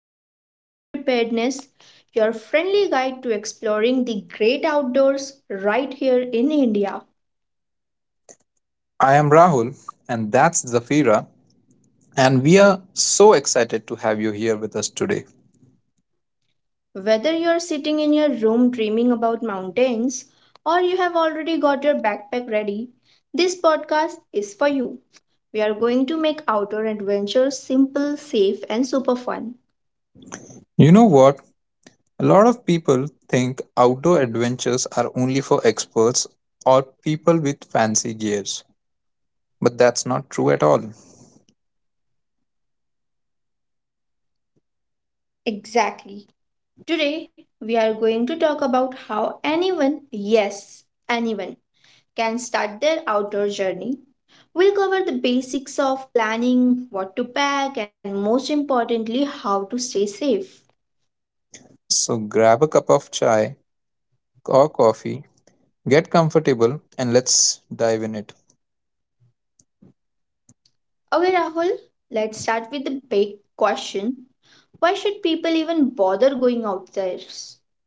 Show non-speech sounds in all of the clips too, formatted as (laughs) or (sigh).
to Outdoor Adventure and Preparedness, your friendly guide to exploring the great outdoors right here in India. I am Rahul, and that's Zafira, and we are so excited to have you here with us today. Whether you're sitting in your room dreaming about mountains or you have already got your backpack ready, this podcast is for you. We are going to make outdoor adventures simple, safe, and super fun. You know what? A lot of people think outdoor adventures are only for experts or people with fancy gears, but that's not true at all. Exactly. Today, we are going to talk about how anyone, yes, anyone, can start their outdoor journey. We'll cover the basics of planning, what to pack, and most importantly, how to stay safe. So grab a cup of chai or coffee, get comfortable, and let's dive in it. Okay, Rahul, let's start with the big question: why should people even bother going out there?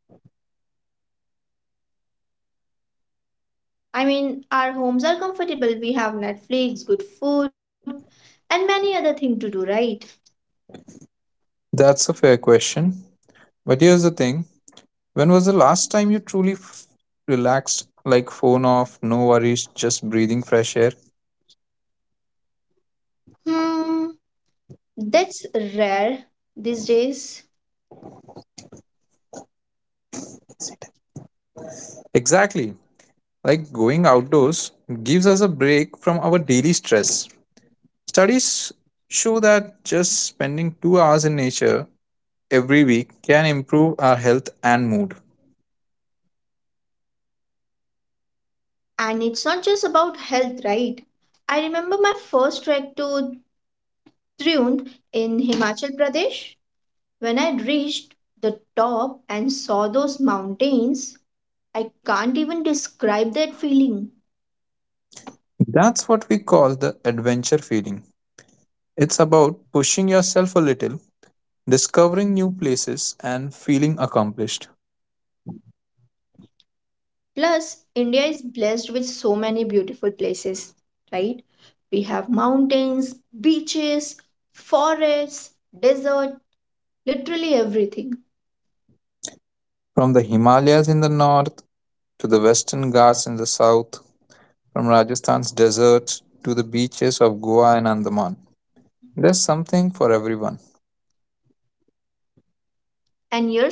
I mean, our homes are comfortable. We have Netflix, good food, and many other things to do, right? That's a fair question. But here's the thing. When was the last time you truly relaxed, like phone off, no worries, just breathing fresh air? Hmm, that's rare these days. Exactly. Like going outdoors gives us a break from our daily stress. Studies show that just spending 2 hours in nature every week can improve our health and mood. And it's not just about health, right? I remember my first trek to Triund in Himachal Pradesh. When I reached the top and saw those mountains, I can't even describe that feeling. That's what we call the adventure feeling. It's about pushing yourself a little, discovering new places, and feeling accomplished. Plus, India is blessed with so many beautiful places, right? We have mountains, beaches, forests, desert, literally everything. From the Himalayas in the north to the Western Ghats in the south, from Rajasthan's deserts to the beaches of Goa and Andaman. There's something for everyone.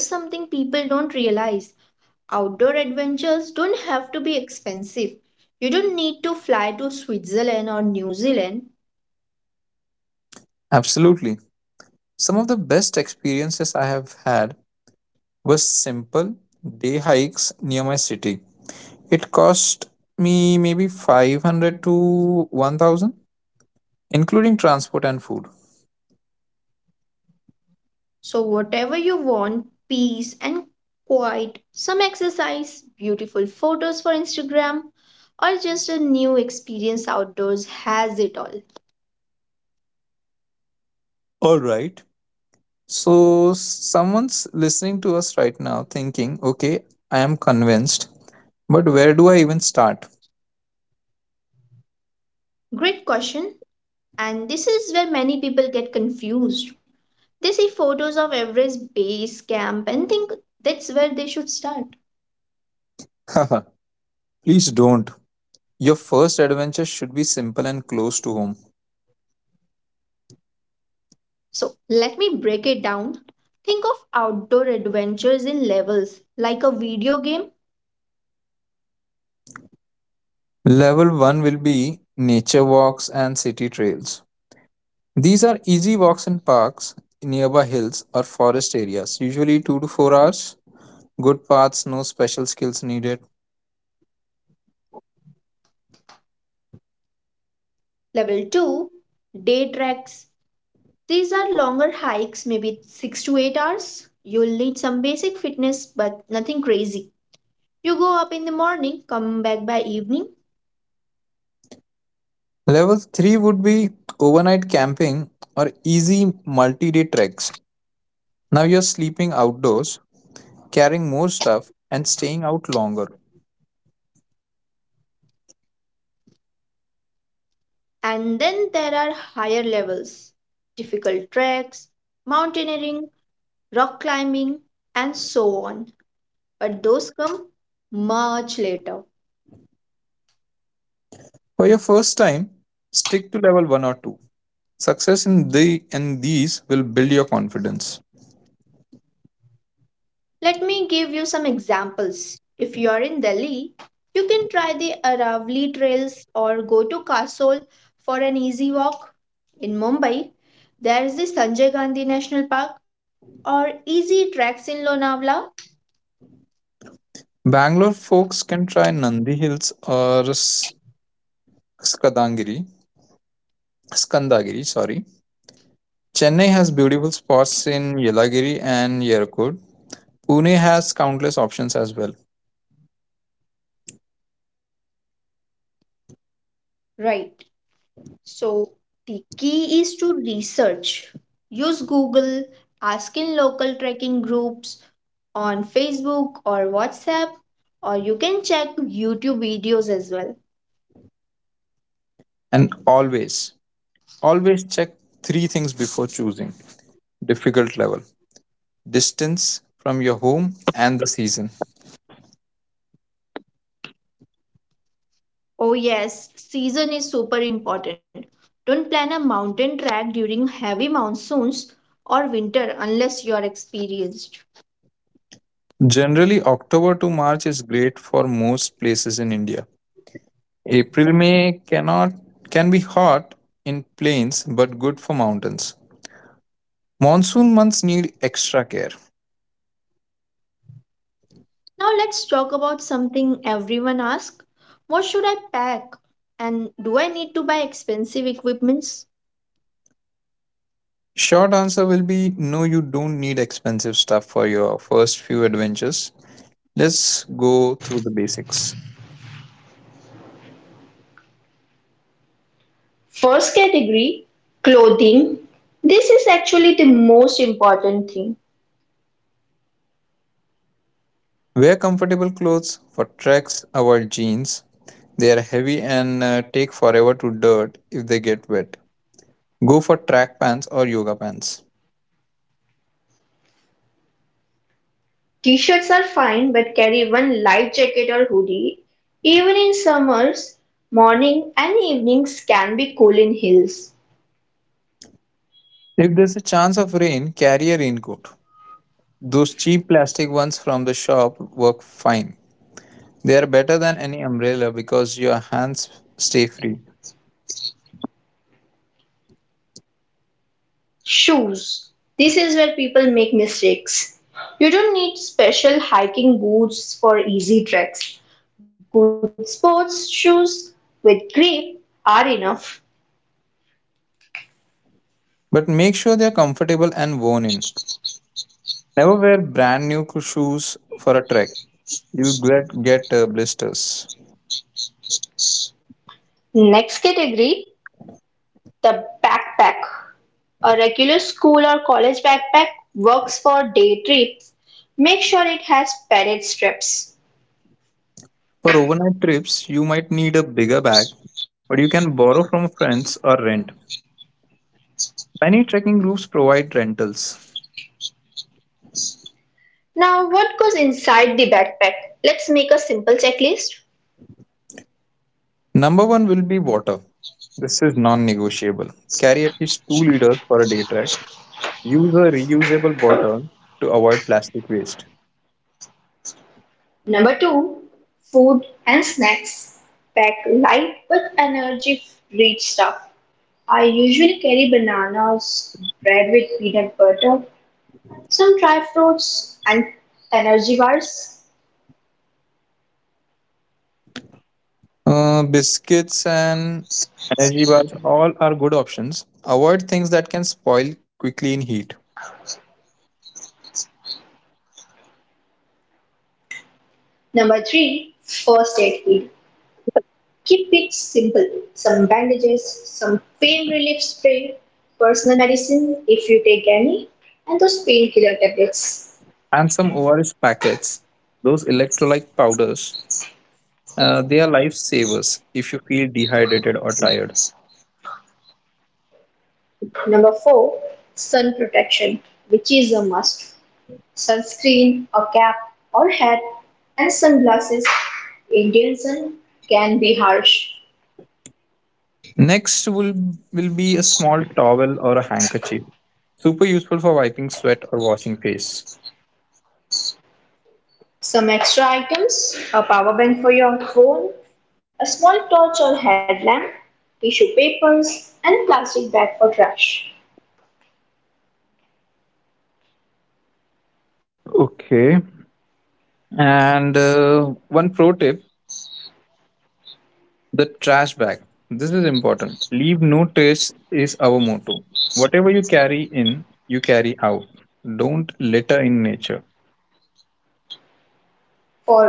And here's something people don't realize: outdoor adventures don't have to be expensive. You don't need to fly to Switzerland or New Zealand. Absolutely. Some of the best experiences I have had were simple day hikes near my city. It cost me maybe 500 to 1000, including transport and food. So, whatever you want, peace and quiet, some exercise, beautiful photos for Instagram, or just a new experience, outdoors has it all. All right. So, someone's listening to us right now thinking, okay, I am convinced, but where do I even start? (laughs) Great question, and this is where many people get confused. They see photos of Everest base camp and think that's where they should start. Please don't. Your first adventure should be simple and close to home. So, let me break it down. Think of outdoor adventures in levels like a video game. Level 1 will be nature walks and city trails. These are easy walks in parks, nearby hills, or forest areas, usually 2 to 4 hours. Good paths, no special skills needed. Level 2, day treks: these are longer hikes, maybe 6 to 8 hours. You'll need some basic fitness, but nothing crazy. You go up in the morning, come back by evening, Level 3 would be overnight camping or easy multi day treks. Now you're sleeping outdoors, carrying more stuff, and staying out longer. and then there are higher levels: difficult treks, mountaineering, rock climbing, and so on. But those come much later. For your first time, stick to level 1 or 2. Success in these will build your confidence. Let me give you some examples. If you are in Delhi, you can try the Aravali trails or go to Kasol for an easy walk. In Mumbai, there is the Sanjay Gandhi National Park or easy tracks in Lonavala. Bangalore folks can try Nandi Hills or S- Skadangiri Skandagiri, sorry. Chennai has beautiful spots in Yelagiri and Yerkod. Pune has countless options as well. Right. So the key is to research. Use Google, ask in local trekking groups on Facebook or WhatsApp, or you can check YouTube videos as well. And always, always check three things before choosing. Difficult level, distance from your home, and the season. Oh, yes, season is super important. Don't plan a mountain trek during heavy monsoons or winter unless you are experienced. Generally, October to March is great for most places in India. April May cannot can be hot in plains but good for mountains. Monsoon months need extra care. Now, let's talk about something everyone asks: what should I pack? And do I need to buy expensive equipments? Short answer will be no, you don't need expensive stuff for your first few adventures. Let's go through the basics. First category: clothing. This is actually the most important thing. Wear comfortable clothes for treks, avoid jeans. They are heavy and take forever to dirt if they get wet. Go for track pants or yoga pants. T-shirts are fine, but carry one light jacket or hoodie. Even in summers, morning and evenings can be cool in hills. If there's a chance of rain, carry a raincoat. Those cheap plastic ones from the shop work fine. They are better than any umbrella because your hands stay free. Shoes. This is where people make mistakes. You don't need special hiking boots for easy treks. Good sports shoes with grip are enough. But make sure they are comfortable and worn in. Never wear brand new shoes for a trek. You get blisters. Next category, the backpack. A regular school or college backpack works for day trips. Make sure it has padded straps. For overnight trips, you might need a bigger bag, but you can borrow from friends or rent. Many trekking groups provide rentals. Now, what goes inside the backpack? Let's make a simple checklist. Number one will be water. This is non-negotiable. Carry at least 2 liters for a day trek. Use a reusable bottle to avoid plastic waste. Number two, food and snacks. Pack light but energy rich stuff. I usually carry bananas, bread with peanut butter, some dry fruits, and energy bars. Biscuits and energy bars all are good options. Avoid things that can spoil quickly in heat. Number three, first aid kit. Keep it simple. Some bandages, some pain relief spray, personal medicine if you take any, and those painkiller tablets. And some ORS packets, those electrolyte powders. They are lifesavers if you feel dehydrated or tired. Number four, sun protection, which is a must. Sunscreen, a cap or hat, and sunglasses. Indian sun can be harsh. Next will be a small towel or a handkerchief. Super useful for wiping sweat or washing face. Some extra items: a power bank for your phone, a small torch or headlamp, tissue papers, and plastic bag for trash. Okay. And one pro tip. The trash bag. This is important. Leave no trace is our motto. Whatever you carry in, you carry out. Don't litter in nature.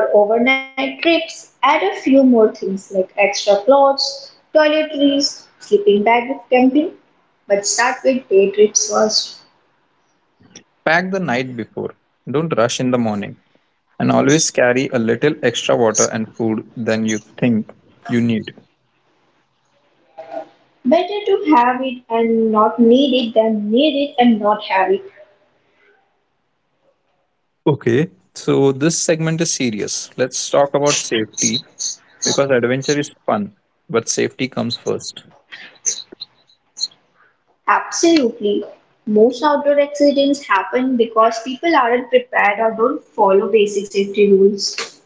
For overnight trips, add a few more things like extra clothes, toiletries, sleeping bag if camping, but start with day trips first. Pack the night before. Don't rush in the morning. And always carry a little extra water and food than you think you need. Better to have it and not need it than need it and not have it. Okay, so this segment is serious. Let's talk about safety because adventure is fun, but safety comes first. Absolutely. Most outdoor accidents happen because people aren't prepared or don't follow basic safety rules.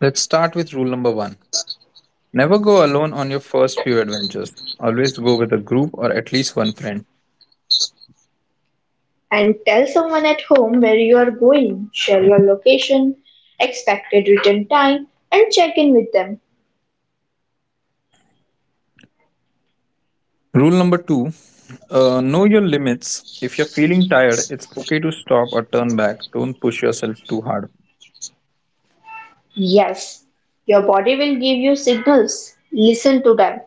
Let's start with rule number one. Never go alone on your first few adventures. Always go with a group or at least one friend. And tell someone at home where you are going, share your location, expected return time, and check in with them. Rule number two, know your limits. If you're feeling tired, it's okay to stop or turn back. Don't push yourself too hard. Yes, your body will give you signals. Listen to them.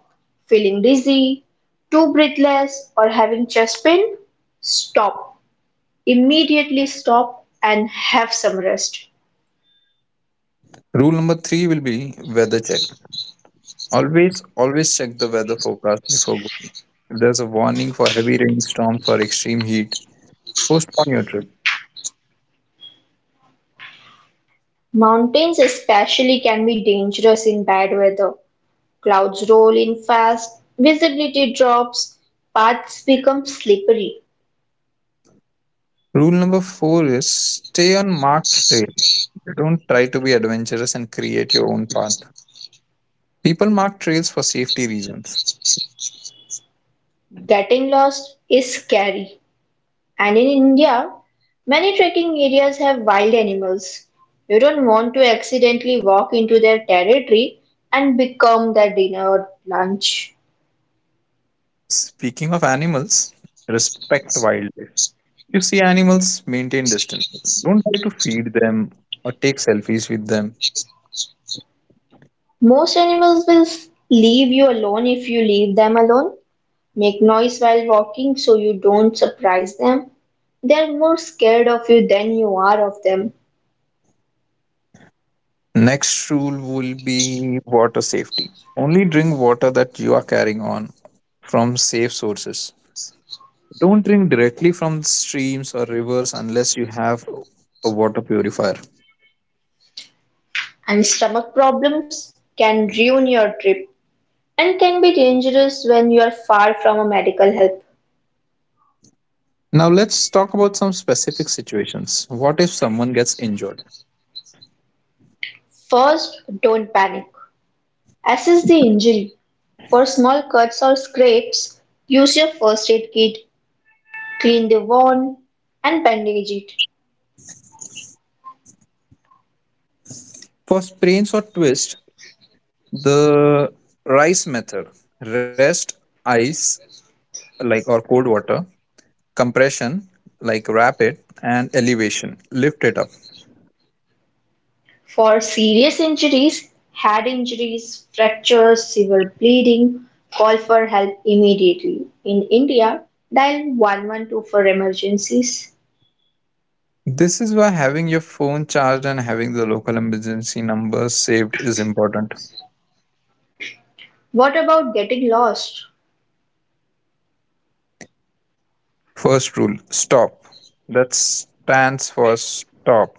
Feeling dizzy, too breathless, or having chest pain? Stop. Immediately stop and have some rest. Rule number three will be weather check. Always, always check the weather forecast before going. If there's a warning for heavy rainstorms or extreme heat, postpone your trip. Mountains especially can be dangerous in bad weather. Clouds roll in fast, visibility drops, paths become slippery. Rule number four is stay on marked trail. Don't try to be adventurous and create your own path. People mark trails for safety reasons. Getting lost is scary. And in India, many trekking areas have wild animals. You don't want to accidentally walk into their territory and become their dinner or lunch. Speaking of animals, respect wildlife. You see animals, maintain distance. Don't try to feed them or take selfies with them. Most animals will leave you alone if you leave them alone. Make noise while walking so you don't surprise them. They're more scared of you than you are of them. Next rule will be water safety. Only drink water that you are carrying on from safe sources. Don't drink directly from streams or rivers unless you have a water purifier. And stomach problems can ruin your trip and can be dangerous when you are far from a medical help. Now, let's talk about some specific situations. What if someone gets injured? First, don't panic. Assess the injury. For small cuts or scrapes, use your first aid kit, clean the wound, and bandage it. For sprains or twists, the RICE method: rest, ice, like or cold water, compression, like wrap it, and elevation, lift it up. For serious injuries, head injuries, fractures, severe bleeding, call for help immediately. In India, dial 112 for emergencies. This is why having your phone charged and having the local emergency number saved is important. What about getting lost? First rule, stop. That stands for stop.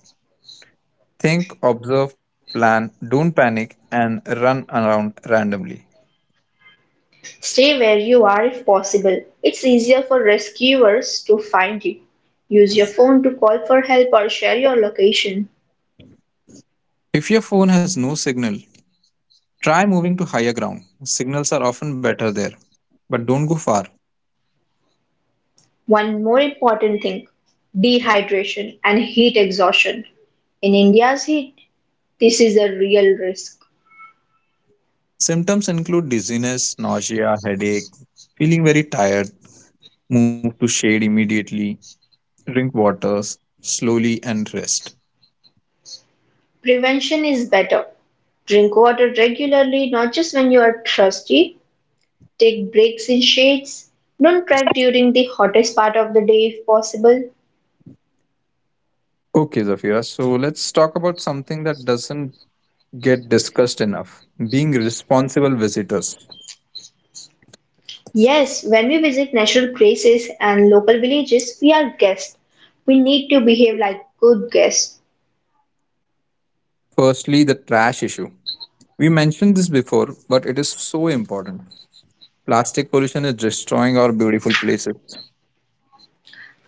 Think, observe, plan, don't panic, and run around randomly. Stay where you are if possible. It's easier for rescuers to find you. Use your phone to call for help or share your location. If your phone has no signal, try moving to higher ground. Signals are often better there, but don't go far. One more important thing: dehydration and heat exhaustion. In India's heat, this is a real risk. Symptoms include dizziness, nausea, headache, feeling very tired. Move to shade immediately, drink waters slowly, and rest. Prevention is better. Drink water regularly, not just when you are thirsty. Take breaks in shades. Don't trek during the hottest part of the day if possible. Okay, Zafira. So let's talk about something that doesn't get discussed enough, being responsible visitors. Yes, when we visit natural places and local villages, we are guests. We need to behave like good guests. Firstly, the trash issue. We mentioned this before, but it is so important. Plastic pollution is destroying our beautiful places.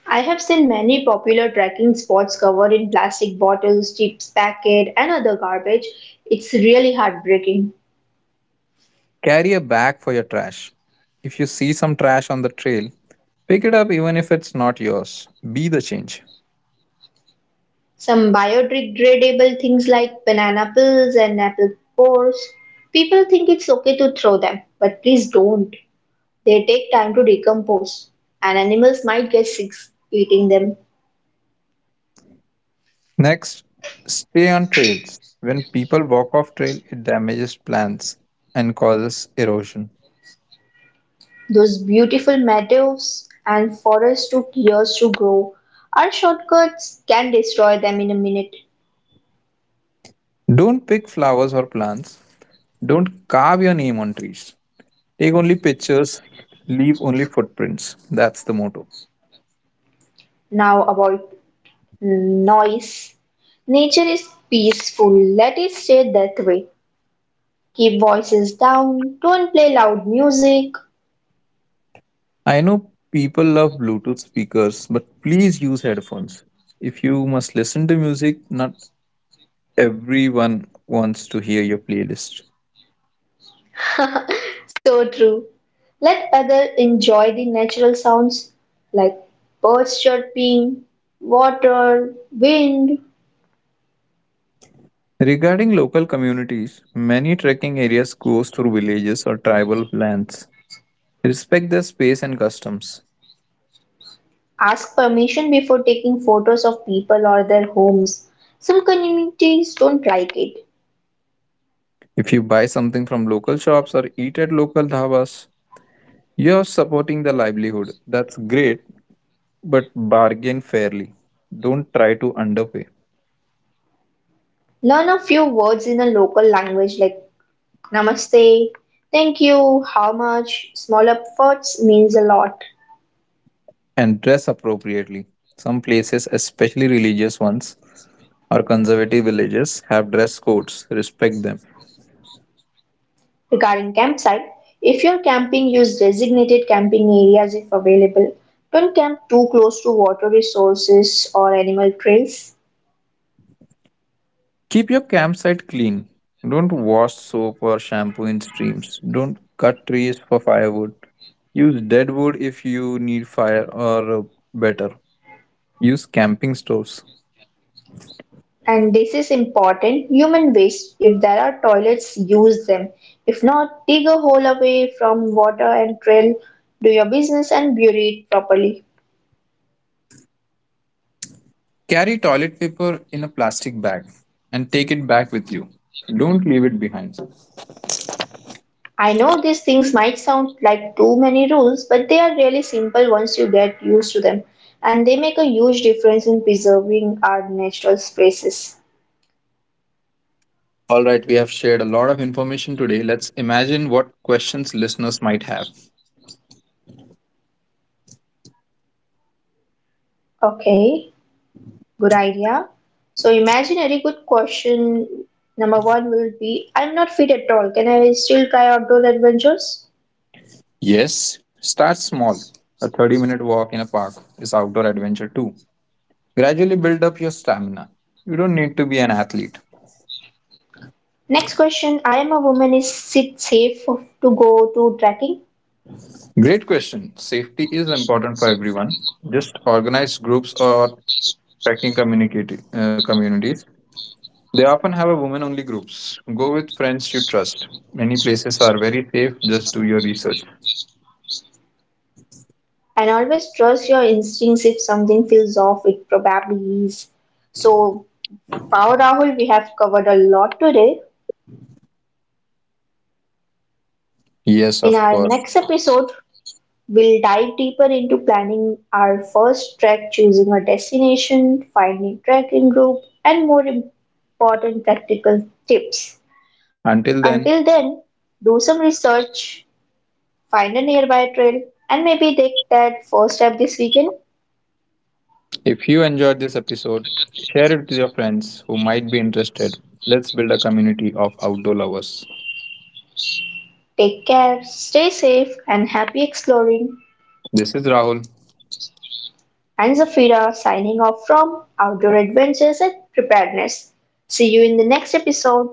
I have seen many popular trekking spots covered in plastic bottles, chips packet, and other garbage. It's really heartbreaking. Carry a bag for your trash. If you see some trash on the trail, pick it up even if it's not yours. Be the change. Some biodegradable things like banana peels and apple cores, people think it's okay to throw them, but please don't. They take time to decompose, and animals might get sick eating them. Next, stay on trails. When people walk off trail, it damages plants and causes erosion. Those beautiful meadows and forests took years to grow. Our shortcuts can destroy them in a minute. Don't pick flowers or plants. Don't carve your name on trees. Take only pictures, leave only footprints. That's the motto. Now about noise. Nature is peaceful. Let it stay that way. Keep voices down. Don't play loud music. I know people love Bluetooth speakers, but please use headphones. If you must listen to music, not everyone wants to hear your playlist. So true. Let others enjoy the natural sounds like birds chirping, water, wind. Regarding local communities, many trekking areas goes through villages or tribal lands. Respect their space and customs. Ask permission before taking photos of people or their homes. Some communities don't like it. If you buy something from local shops or eat at local dhabas, you're supporting the livelihood. That's great, but bargain fairly. Don't try to underpay, Learn a few words in a local language like namaste, thank you, how much. Small efforts means a lot. and dress appropriately. Some places, especially religious ones or conservative villages, have dress codes. Respect them. Regarding campsite, if you're camping, use designated camping areas if available. Don't camp too close to water resources or animal trails. Keep your campsite clean. Don't wash soap or shampoo in streams. Don't cut trees for firewood. Use dead wood if you need fire, or better, use camping stoves. And this is important: human waste. If there are toilets, use them. If not, dig a hole away from water and trail. Do your business and bury it properly. Carry toilet paper in a plastic bag and take it back with you. Don't leave it behind. I know these things might sound like too many rules, but they are really simple once you get used to them, and they make a huge difference in preserving our natural spaces. All right, we have shared a lot of information today. Let's imagine what questions listeners might have. Okay, good idea. So imaginary good question number one will be: I'm not fit at all. Can I still try outdoor adventures? Yes, start small. A 30-minute walk in a park is outdoor adventure too. Gradually build up your stamina. You don't need to be an athlete. Next question: I am a woman. Is it safe to go to trekking? Great question. Safety is important for everyone. Just organize groups or trekking communities. They often have a women only groups. Go with friends you trust. Many places are very safe, just do your research. And always trust your instincts, if something feels off, it probably is. So, Pau Rahul, we have covered a lot today. Yes, In of our course. next episode, we'll dive deeper into planning our first trek, choosing a destination, finding trekking group, and more important practical tips. Until Until then, then, do some research, find a nearby trail, and maybe take that first step this weekend. if you enjoyed this episode, share it with your friends who might be interested. Let's build a community of outdoor lovers. Take care, stay safe, and happy exploring. This is Rahul. And Zafira signing off from Outdoor Adventures and Preparedness. See you in the next episode.